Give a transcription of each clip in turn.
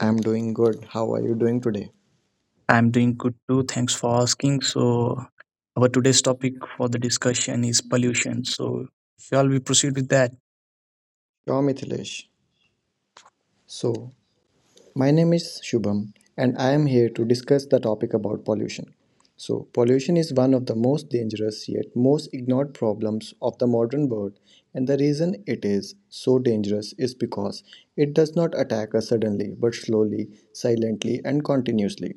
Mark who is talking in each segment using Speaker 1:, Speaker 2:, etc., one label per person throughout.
Speaker 1: I'm doing good. How are you doing today?
Speaker 2: I'm doing good too. Thanks for asking. So, our today's topic for the discussion is pollution. So, shall we proceed with that?
Speaker 1: Yo Mithilesh. So, my name is Shubham and I am here to discuss the topic about pollution. So, pollution is one of the most dangerous yet most ignored problems of the modern world, and the reason it is so dangerous is because it does not attack us suddenly but slowly, silently, and continuously.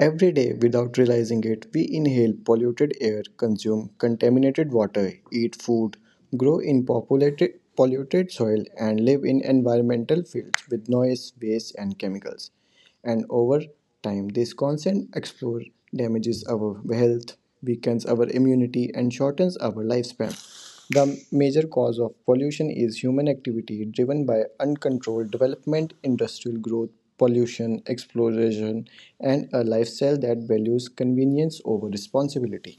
Speaker 1: Every day, without realizing it, we inhale polluted air, consume contaminated water, eat food, grow in populated, polluted soil, and live in environmental fields with noise, waste, and chemicals, and over time this constant explore damages our health, weakens our immunity, and shortens our lifespan. The major cause of pollution is human activity driven by uncontrolled development, industrial growth, pollution exploration, and a lifestyle that values convenience over responsibility.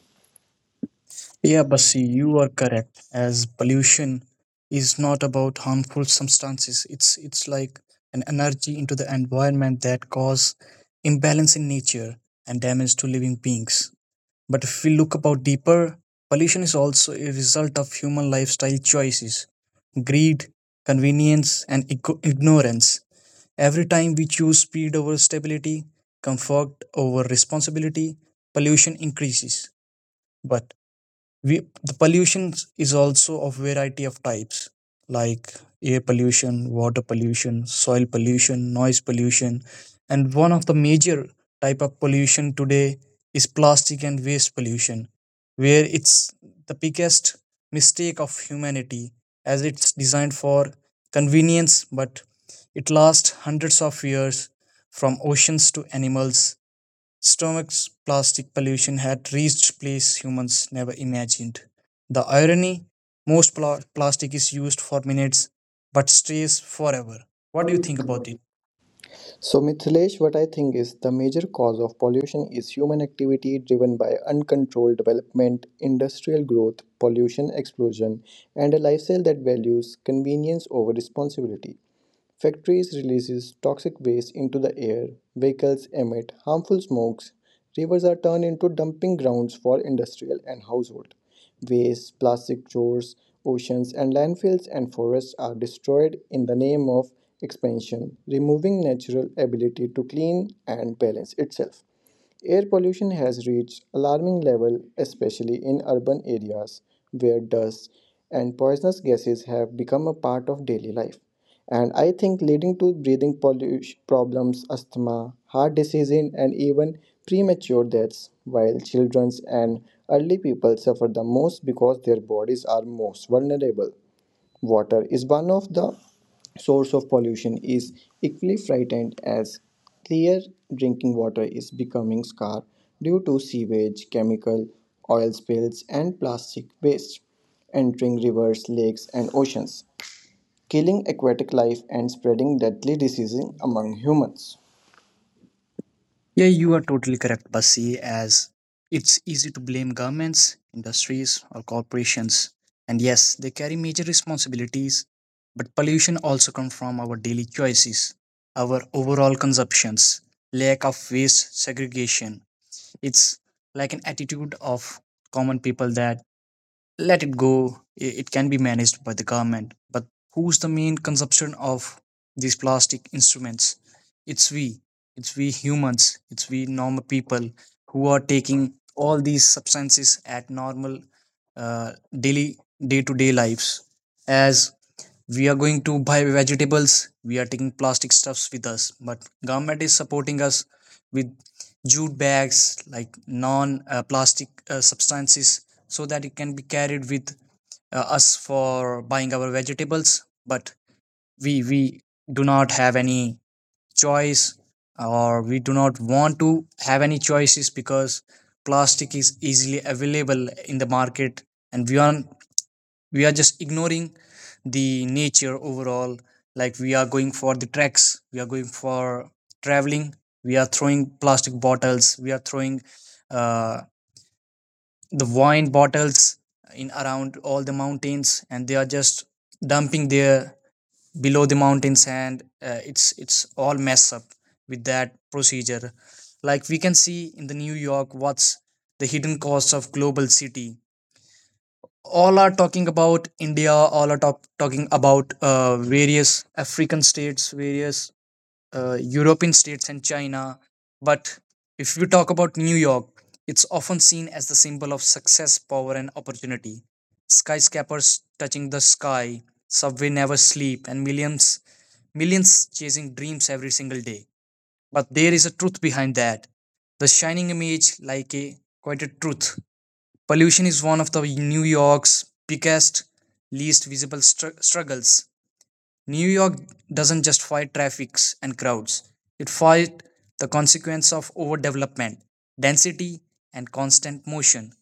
Speaker 2: Yeah, Basi, you are correct. As pollution is not about harmful substances, it's like an energy into the environment that cause imbalance in nature and damage to living beings. But if we look about deeper, pollution is also a result of human lifestyle choices, greed, convenience, and ignorance. Every time we choose speed over stability, comfort over responsibility, pollution increases. But we the pollution is also of variety of types, like air pollution, water pollution, soil pollution, noise pollution, and one of the major type of pollution today is plastic and waste pollution, where it's the biggest mistake of humanity, as it's designed for convenience but it lasts hundreds of years. From oceans to animals' stomach's, plastic pollution had reached place humans never imagined. The irony, most plastic is used for minutes but stays forever. What do you think about it?
Speaker 1: So, Mithilesh, what I think is the major cause of pollution is human activity driven by uncontrolled development, industrial growth, pollution explosion, and a lifestyle that values convenience over responsibility. Factories releases toxic waste into the air, vehicles emit harmful smokes, rivers are turned into dumping grounds for industrial and household waste, plastic chores, oceans and landfills, and forests are destroyed in the name of expansion, removing natural ability to clean and balance itself. Air pollution has reached alarming level, especially in urban areas where dust and poisonous gases have become a part of daily life, and I think leading to breathing pollution problems, asthma, heart disease, and even premature deaths, while children and elderly people suffer the most because their bodies are most vulnerable. Water is one of the source of pollution is equally frightened, as clear drinking water is becoming scarce due to sewage, chemical, oil spills, and plastic waste entering rivers, lakes, and oceans, killing aquatic life and spreading deadly diseases among humans.
Speaker 2: Yeah, you are totally correct, Basi, as it's easy to blame governments, industries, or corporations. And yes, they carry major responsibilities, but pollution also comes from our daily choices, our overall consumptions, lack of waste segregation. It's like an attitude of common people that let it go, it can be managed by the government. But who's the main consumption of these plastic instruments? It's we it's we humans, it's we normal people who are taking all these substances at normal uh, daily day to day lives. As we are going to buy vegetables, we are taking plastic stuffs with us, but government is supporting us with jute bags, like non plastic substances, so that it can be carried with us for buying our vegetables. But we do not have any choice, or we do not want to have any choices because plastic is easily available in the market, and we are just ignoring the nature overall. Like we are going for the treks, we are going for traveling, we are throwing plastic bottles, we are throwing uh, the wine bottles in around all the mountains, and they are just dumping there below the mountains, and it's all mess up with that procedure. Like we can see in the New York, what's the hidden cost of global city? All are talking about India, all are talking about various African states, various European states, and China. But if we talk about New York, it's often seen as the symbol of success, power, and opportunity. Skyscrapers touching the sky, subway never sleep, and millions chasing dreams every single day. But there is a truth behind that. The shining image, like a quite a truth. Pollution is one of the New York's biggest, least visible struggles. New York doesn't just fight traffic and crowds; it fights the consequence of overdevelopment, density, and constant motion.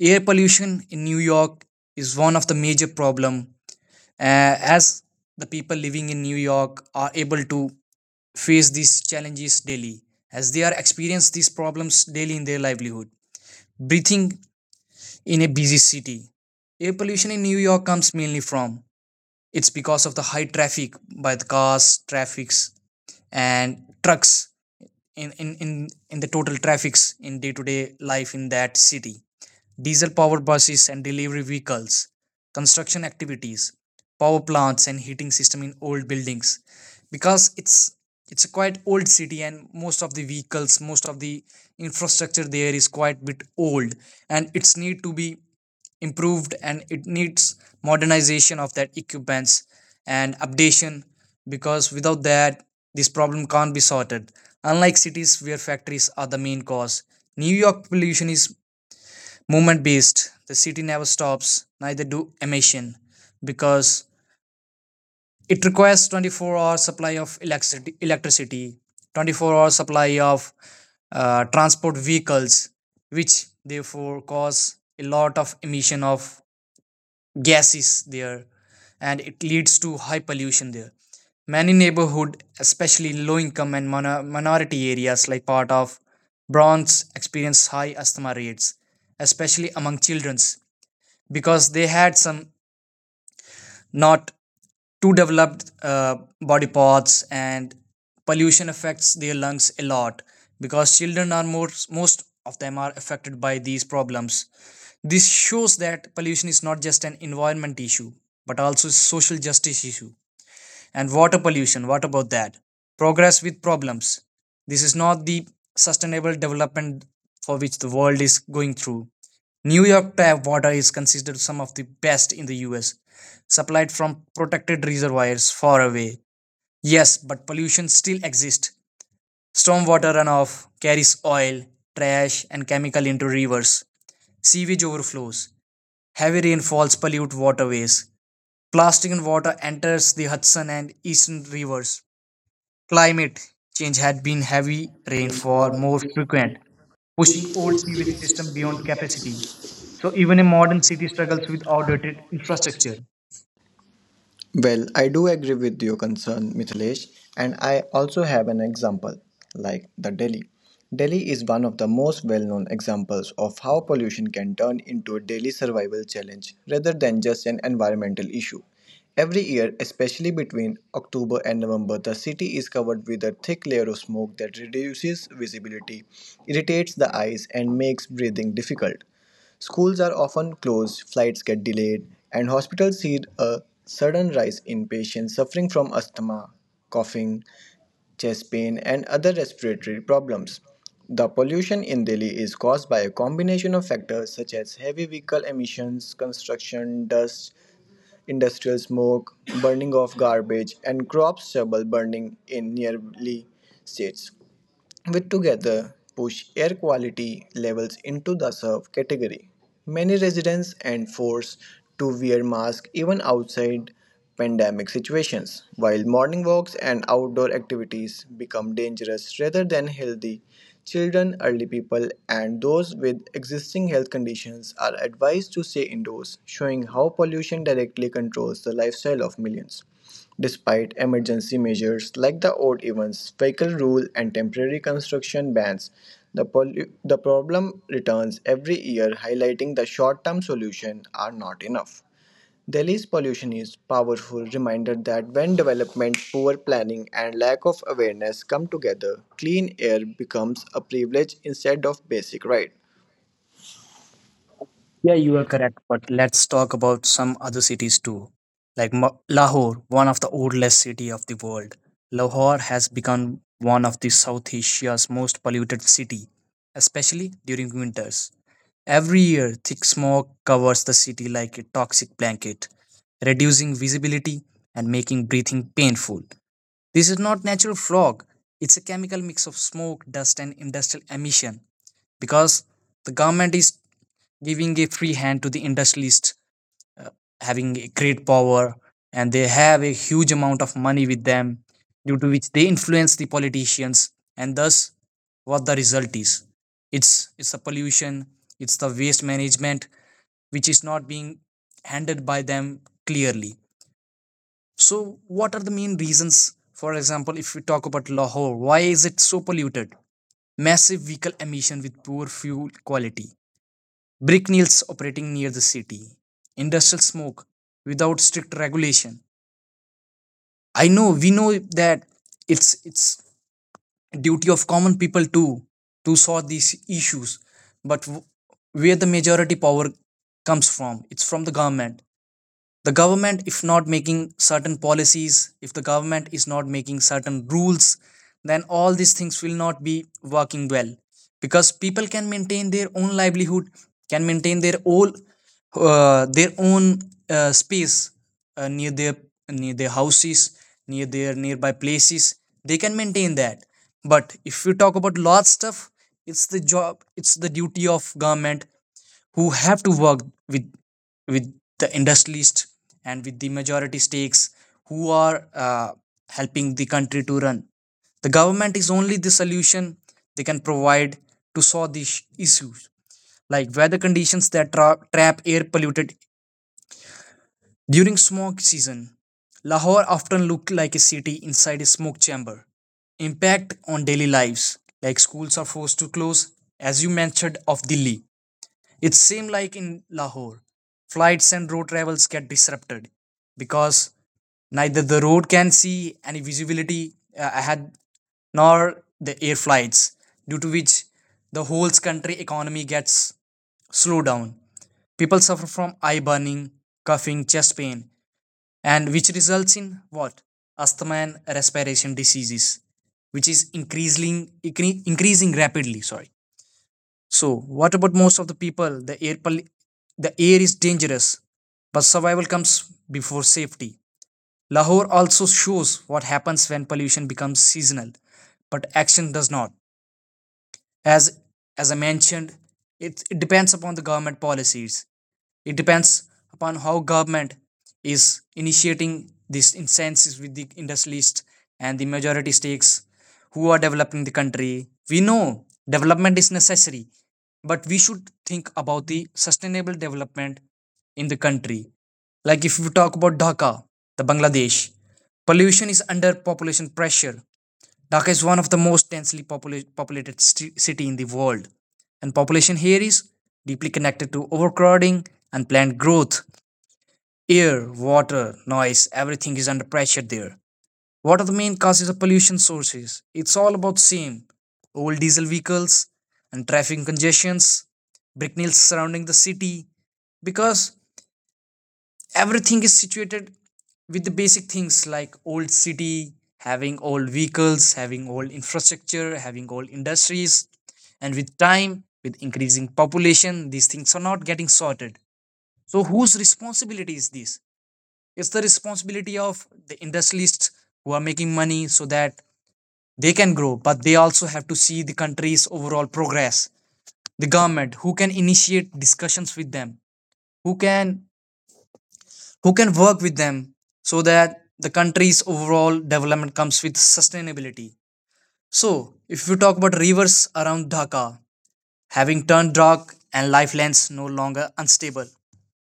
Speaker 2: Air pollution in New York is one of the major problem, as the people living in New York are able to face these challenges daily, as they are experience these problems daily in their livelihood. Breathing in a busy city. Air pollution in New York comes mainly from, it's because of the high traffic by the cars, traffics, and trucks in in the total traffics in day to day life in that city, diesel powered buses and delivery vehicles, construction activities, power plants, and heating system in old buildings, because it's a quite old city, and most of the vehicles, most of the infrastructure there is quite bit old, and it's need to be improved, and it needs modernization of that equipments and updation, because without that, this problem can't be sorted. Unlike cities where factories are the main cause, New York pollution is movement based. The city never stops, neither do emission, because it requires 24-hour supply of electricity, electricity 24-hour supply of transport vehicles, which therefore cause a lot of emission of gases there, and it leads to high pollution there. Many neighborhood, especially low income and minority areas like part of Bronx, experience high asthma rates, especially among children, because they had some not too developed body parts, and pollution affects their lungs a lot, because children are more, most of them are affected by these problems. This shows that pollution is not just an environment issue but also a social justice issue. And water pollution, what about that? Progress with problems. This is not the sustainable development for which the world is going through. New York tap water is considered some of the best in the US, supplied from protected reservoirs far away. Yes, but pollution still exists. Stormwater runoff carries oil, trash, and chemical into rivers, sewage overflows, heavy rainfalls pollute waterways, plastic and water enters the Hudson and Eastern rivers. Climate change had been heavy rainfall more frequent, pushing old sewage system beyond capacity. So even a modern city struggles with outdated infrastructure.
Speaker 1: Well, I do agree with your concern, Mithilesh, and I also have an example, like the Delhi. Delhi is one of the most well known examples of how pollution can turn into a daily survival challenge rather than just an environmental issue. Every year, especially between October and November, the city is covered with a thick layer of smoke that reduces visibility, irritates the eyes, and makes breathing difficult. Schools are often closed, flights get delayed, and hospitals see a sudden rise in patients suffering from asthma, coughing, chest pain, and other respiratory problems. The pollution in Delhi is caused by a combination of factors such as heavy vehicle emissions, construction, dust, industrial smoke, burning of garbage, and crop stubble burning in nearby states, which together push air quality levels into the serve category. Many residents and forced to wear masks even outside pandemic situations, while morning walks and outdoor activities become dangerous rather than healthy. Children, elderly people, and those with existing health conditions are advised to stay indoors, showing how pollution directly controls the lifestyle of millions. Despite emergency measures like the odd events, vehicle rule, and temporary construction bans, the problem returns every year, highlighting the short term solutions are not enough. Delhi's pollution is powerful reminder that when development, poor planning, and lack of awareness come together, clean air becomes a privilege instead of basic right.
Speaker 2: Yeah, you are correct. But let's talk about some other cities too, like Lahore, one of the oldest city of the world. Lahore has become one of the South Asia's most polluted city, especially during winters. Every year, thick smoke covers the city like a toxic blanket, reducing visibility and making breathing painful. This is not natural fog, it's a chemical mix of smoke, dust, and industrial emission, because the government is giving a free hand to the industrialists, uh, having a great power, and they have a huge amount of money with them, due to which they influence the politicians, and thus what the result is, it's it's the pollution, it's the waste management, which is not being handled by them clearly. So what are the main reasons, for example if we talk about Lahore, why is it so polluted? Massive vehicle emission with poor fuel quality, bricknails operating near the city, industrial smoke without strict regulation. I know, we know that it's duty of common people to solve these issues, but where the majority power comes from, it's from the government. The government, if not making certain policies, if the government is not making certain rules, then all these things will not be working well, because people can maintain their own livelihood, can maintain their own space uh, near their near their houses, near their nearby places, they can maintain that. But if we talk about lot stuff, it's the job, it's the duty of government who have to work with the industrialists and with the majority stakes who are helping the country to run. The government is only the solution they can provide to solve these issues, like weather conditions that trap air polluted during smog season. Lahore often looked like a city inside a smoke chamber. Impact on daily lives, like schools are forced to close, as you mentioned of Delhi. It seemed like in Lahore, flights and road travels get disrupted, because neither the road can see any visibility ahead, nor the air flights, due to which the whole country economy gets slowed down. People suffer from eye burning, coughing, chest pain, and which results in what? Asthma and respiration diseases, which is increasing, increasing rapidly. Sorry. So, what about most of the people? The air, the air is dangerous, but survival comes before safety. Lahore also shows what happens when pollution becomes seasonal, but action does not. As as I mentioned it, it depends upon the government policies, it depends upon how government is initiating these incentives with the industrialists and the majority stakes who are developing the country. We know development is necessary, but we should think about the sustainable development in the country. Like if we talk about Dhaka, the Bangladesh, pollution is under population pressure. Dhaka is one of the most densely populated city in the world, and population here is deeply connected to overcrowding and plant growth. Air, water, noise, everything is under pressure there. What are the main causes of pollution sources? It's all about same old diesel vehicles and traffic congestions, brick nails surrounding the city, because everything is situated with the basic things, like old city having old vehicles, having old infrastructure, having old industries, and with time, with increasing population, these things are not getting sorted. So whose responsibility is this? It's the responsibility of the industrialists who are making money so that they can grow, but they also have to see the country's overall progress. The government, who can initiate discussions with them, who can who can work with them, so that the country's overall development comes with sustainability. So, if we talk about rivers around Dhaka, having turned dark and lifelines no longer unstable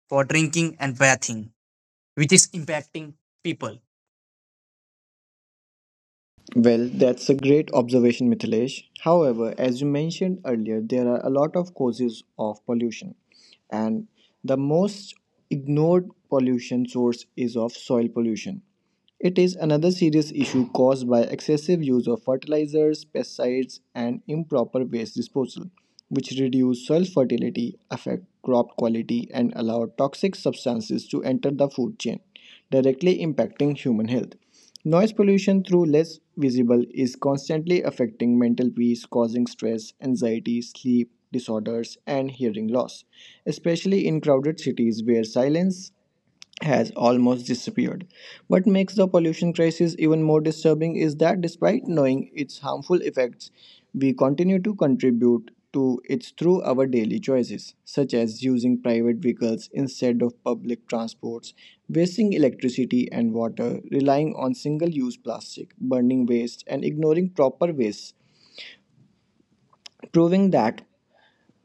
Speaker 2: for drinking and bathing, which is impacting people.
Speaker 1: Well, that's a great observation, Mithilesh. However, as you mentioned earlier, there are a lot of causes of pollution, and the most ignored pollution source is of soil pollution. It is another serious issue caused by excessive use of fertilizers, pesticides, and improper waste disposal, which reduce soil fertility, affect crop quality, and allow toxic substances to enter the food chain, directly impacting human health. Noise pollution, through less visible, is constantly affecting mental peace, causing stress, anxiety, sleep disorders, and hearing loss, especially in crowded cities where silence has almost disappeared. What makes the pollution crisis even more disturbing is that despite knowing its harmful effects, we continue to contribute to it through our daily choices, such as using private vehicles instead of public transports, wasting electricity and water, relying on single use plastic, burning waste, and ignoring proper waste, proving that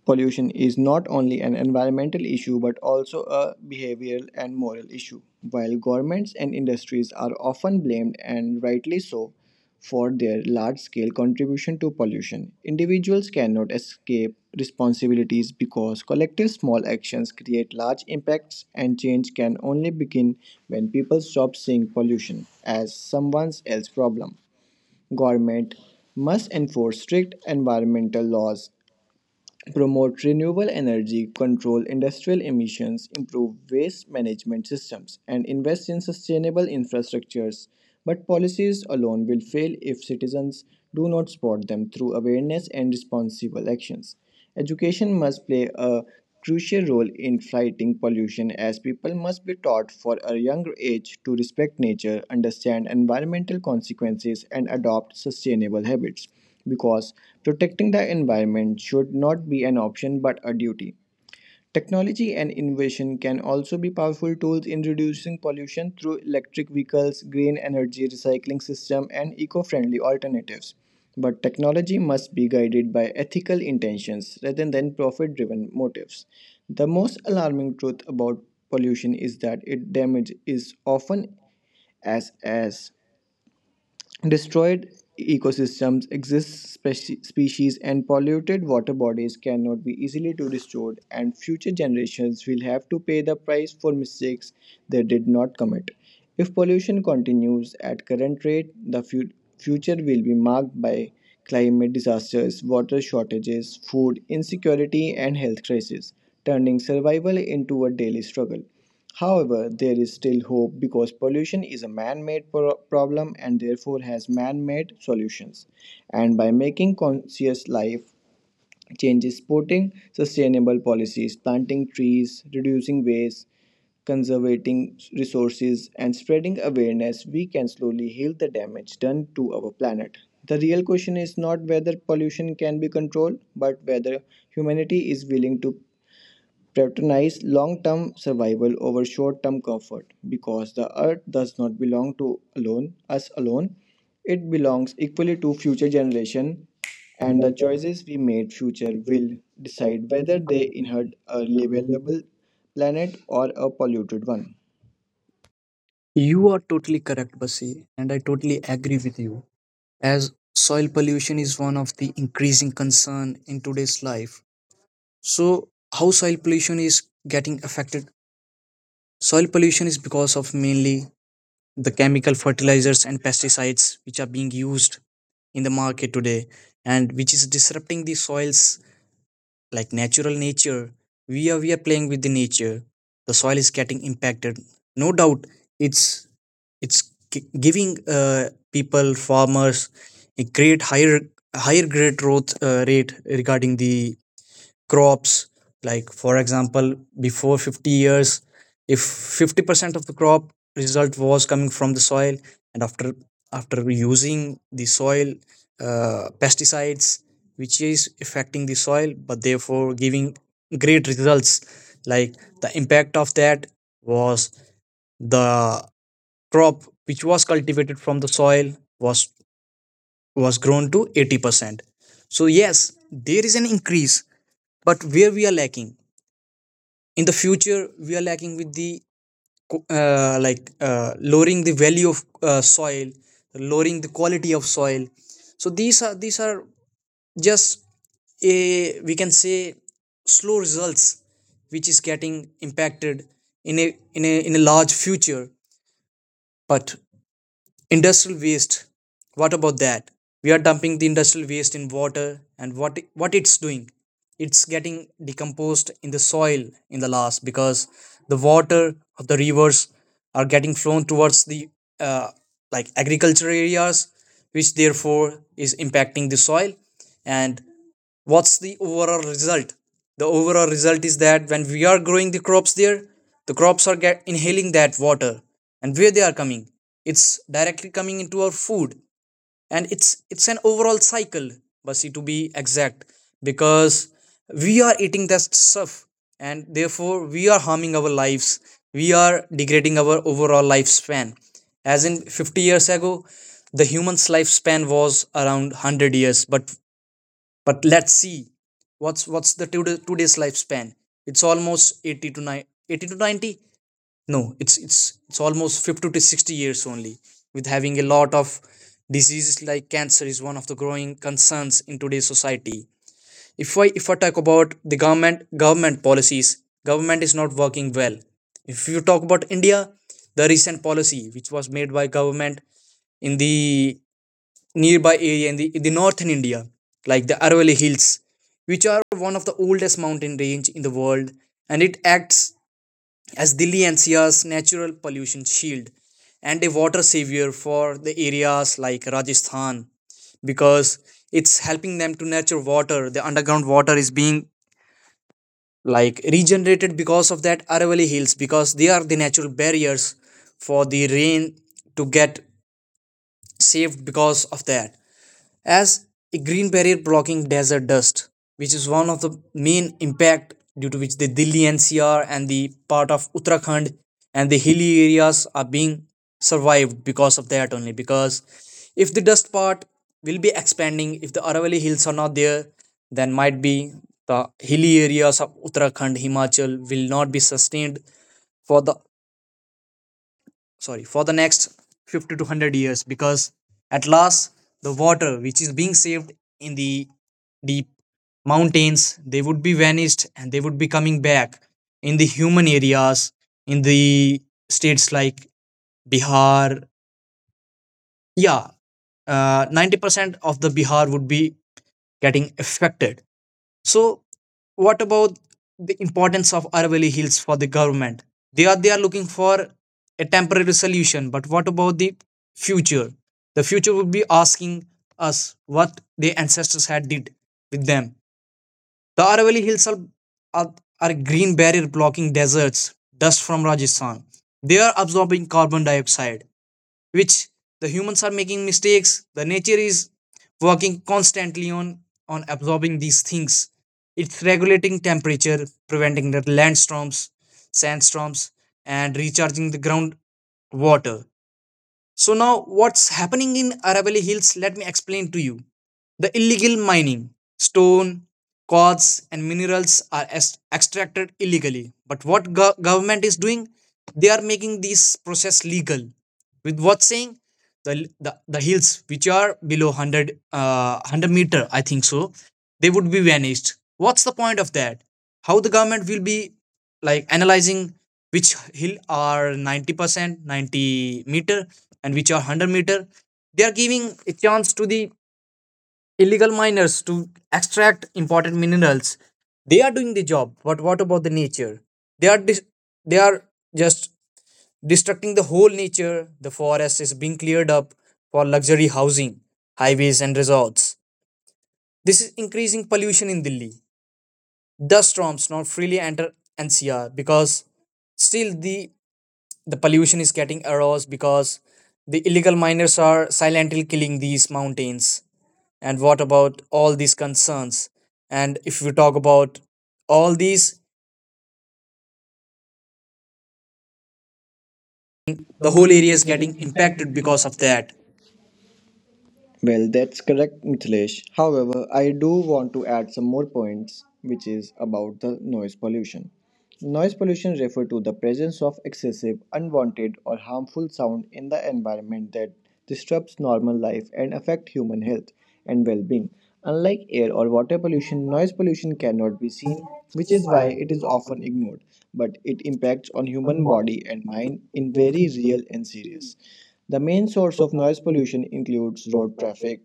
Speaker 1: pollution is not only an environmental issue but also a behavioral and moral issue. While governments and industries are often blamed, and rightly so, for their large scale contribution to pollution, individuals cannot escape responsibilities because collective small actions create large impacts, and change can only begin when people stop seeing pollution as someone else's problem. Government must enforce strict environmental laws, promote renewable energy, control industrial emissions, improve waste management systems, and invest in sustainable infrastructures. But policies alone will fail if citizens do not support them through awareness and responsible actions. Education must play a crucial role in fighting pollution, as people must be taught for a younger age to respect nature, understand environmental consequences, and adopt sustainable habits, because protecting the environment should not be an option but a duty. Technology and innovation can also be powerful tools in reducing pollution through electric vehicles, green energy recycling system, and eco-friendly alternatives. But technology must be guided by ethical intentions rather than profit-driven motives. The most alarming truth about pollution is that its damage is often as destroyed ecosystems, exist species, and polluted water bodies cannot be easily to restored, and future generations will have to pay the price for mistakes they did not commit. If pollution continues at current rate, the future will be marked by climate disasters, water shortages, food insecurity, and health crises, turning survival into a daily struggle. However, there is still hope because pollution is a man made problem and therefore has man made solutions. And by making conscious life changes, supporting sustainable policies, planting trees, reducing waste, conserving resources, and spreading awareness, we can slowly heal the damage done to our planet. The real question is not whether pollution can be controlled, but whether humanity is willing to prioritize long term survival over short term comfort, because the earth does not belong to alone us alone. It belongs equally to future generation, and the choices we made future will decide whether they inherit a livable planet or a polluted one.
Speaker 2: You are totally correct, Basi, and I totally agree with you. As soil pollution is one of the increasing concern in today's life, so how soil pollution is getting affected? Soil pollution is because of mainly the chemical fertilizers and pesticides which are being used in the market today and which is disrupting the soils like natural nature. We are we are playing with the nature. The soil is getting impacted, no doubt. It's it's gi- giving people, farmers, a great higher great growth rate regarding the crops. Like for example, before 50 years, if 50% of the crop result was coming from the soil, and after using the soil pesticides, which is affecting the soil but therefore giving great results, like the impact of that was the crop which was cultivated from the soil was was grown to 80%. So yes, there is an increase, but where we are lacking in the future, we are lacking with the lowering the value of soil, lowering the quality of soil. So these are, these are just a, we can say, slow results which is getting impacted in a, in a in a large future. But industrial waste, what about that? We are dumping the industrial waste in water, and what it's doing? It's getting decomposed in the soil in the last, because the water of the rivers are getting flown towards the uh, like agricultural areas, which therefore is impacting the soil. And what's the overall result? The overall result is that when we are growing the crops there, the crops are get inhaling that water, and where they are coming, it's directly coming into our food, and it's an overall cycle, Basi, to be exact. Because we are eating that stuff, and therefore we are harming our lives. We are degrading our overall lifespan, as in 50 years ago the human's lifespan was around 100 years, but let's see what's the two today's lifespan. It's almost 80 to 9 80 to 90. No, it's almost 50 to 60 years only, with having a lot of diseases like cancer is one of the growing concerns in today's society. If I talk about the government policies, government is not working well. If you talk about India, the recent policy which was made by government in the nearby area in the northern India, like the Aravalli Hills, which are one of the oldest mountain range in the world, and it acts as Delhi NCR's natural pollution shield and a water savior for the areas like Rajasthan, because it's helping them to nurture water. The underground water is being like regenerated because of that Aravalli Hills, because they are the natural barriers for the rain to get saved because of that, as a green barrier blocking desert dust, which is one of the main impact due to which the Delhi NCR and the part of Uttarakhand and the hilly areas are being survived because of that only. Because if the dust part will be expanding, if the Aravalli Hills are not there, then might be the hilly areas of Uttarakhand, Himachal will not be sustained for the sorry for the next 50 to 100 years, because at last the water which is being saved in the deep mountains, they would be vanished and they would be coming back in the human areas in the states like Bihar. Yeah, 90% of the Bihar would be getting affected. So what about the importance of Aravalli Hills for the government? They are looking for a temporary solution, but what about the future? The future would be asking us what the ancestors had did with them. The Aravalli Hills are, are green barrier blocking deserts, dust from Rajasthan. They are absorbing carbon dioxide, which the humans are making mistakes. The nature is working constantly on absorbing these things. It's regulating temperature, preventing the landstorms, sandstorms, and recharging the ground water. So now what's happening in Aravalli Hills, let me explain to you. The illegal mining, stone, quartz and minerals are extracted illegally. But what go- government is doing, they are making this process legal. With what saying? The hills which are below 100, 100 meter, I think so, they would be vanished. What's the point of that? How the government will be like analyzing which hill are 90% 90 meter and which are 100 meter? They are giving a chance to the illegal miners to extract important minerals. They are doing the job, but what about the nature? they are dis- they are just destructing the whole nature. The forest is being cleared up for luxury housing, highways and resorts. This is increasing pollution in Delhi. The storms not freely enter NCR because still the pollution is getting aroused, because the illegal miners are silently killing these mountains. And what about all these concerns? And if we talk about all these, the whole area is getting impacted because of that.
Speaker 1: Well, that's correct, Mithilesh. However, I do want to add some more points, which is about the noise pollution. Noise pollution refers to the presence of excessive, unwanted, or harmful sound in the environment that disrupts normal life and affect human health and well-being. Unlike air or water pollution, noise pollution cannot be seen, which is why it is often ignored, but it impacts on human body and mind
Speaker 2: Right.
Speaker 1: in very real and serious. The main source of noise pollution includes road traffic,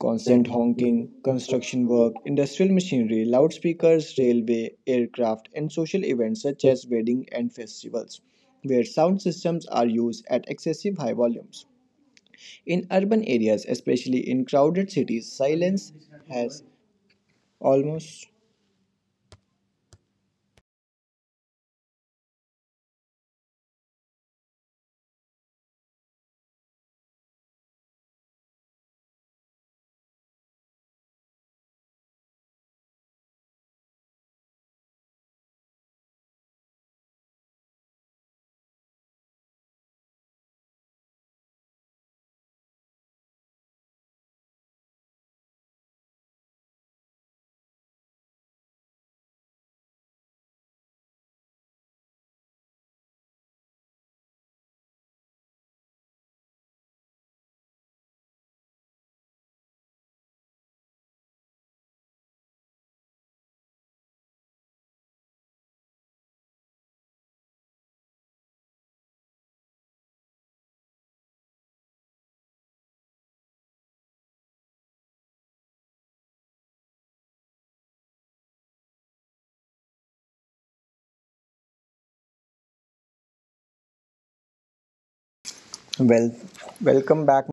Speaker 1: constant honking, construction work, industrial machinery, loudspeakers, railway, aircraft, and social events such as weddings and festivals, where sound systems are used at excessive high volumes. In urban areas, especially in crowded cities, silence has almost. Well, welcome back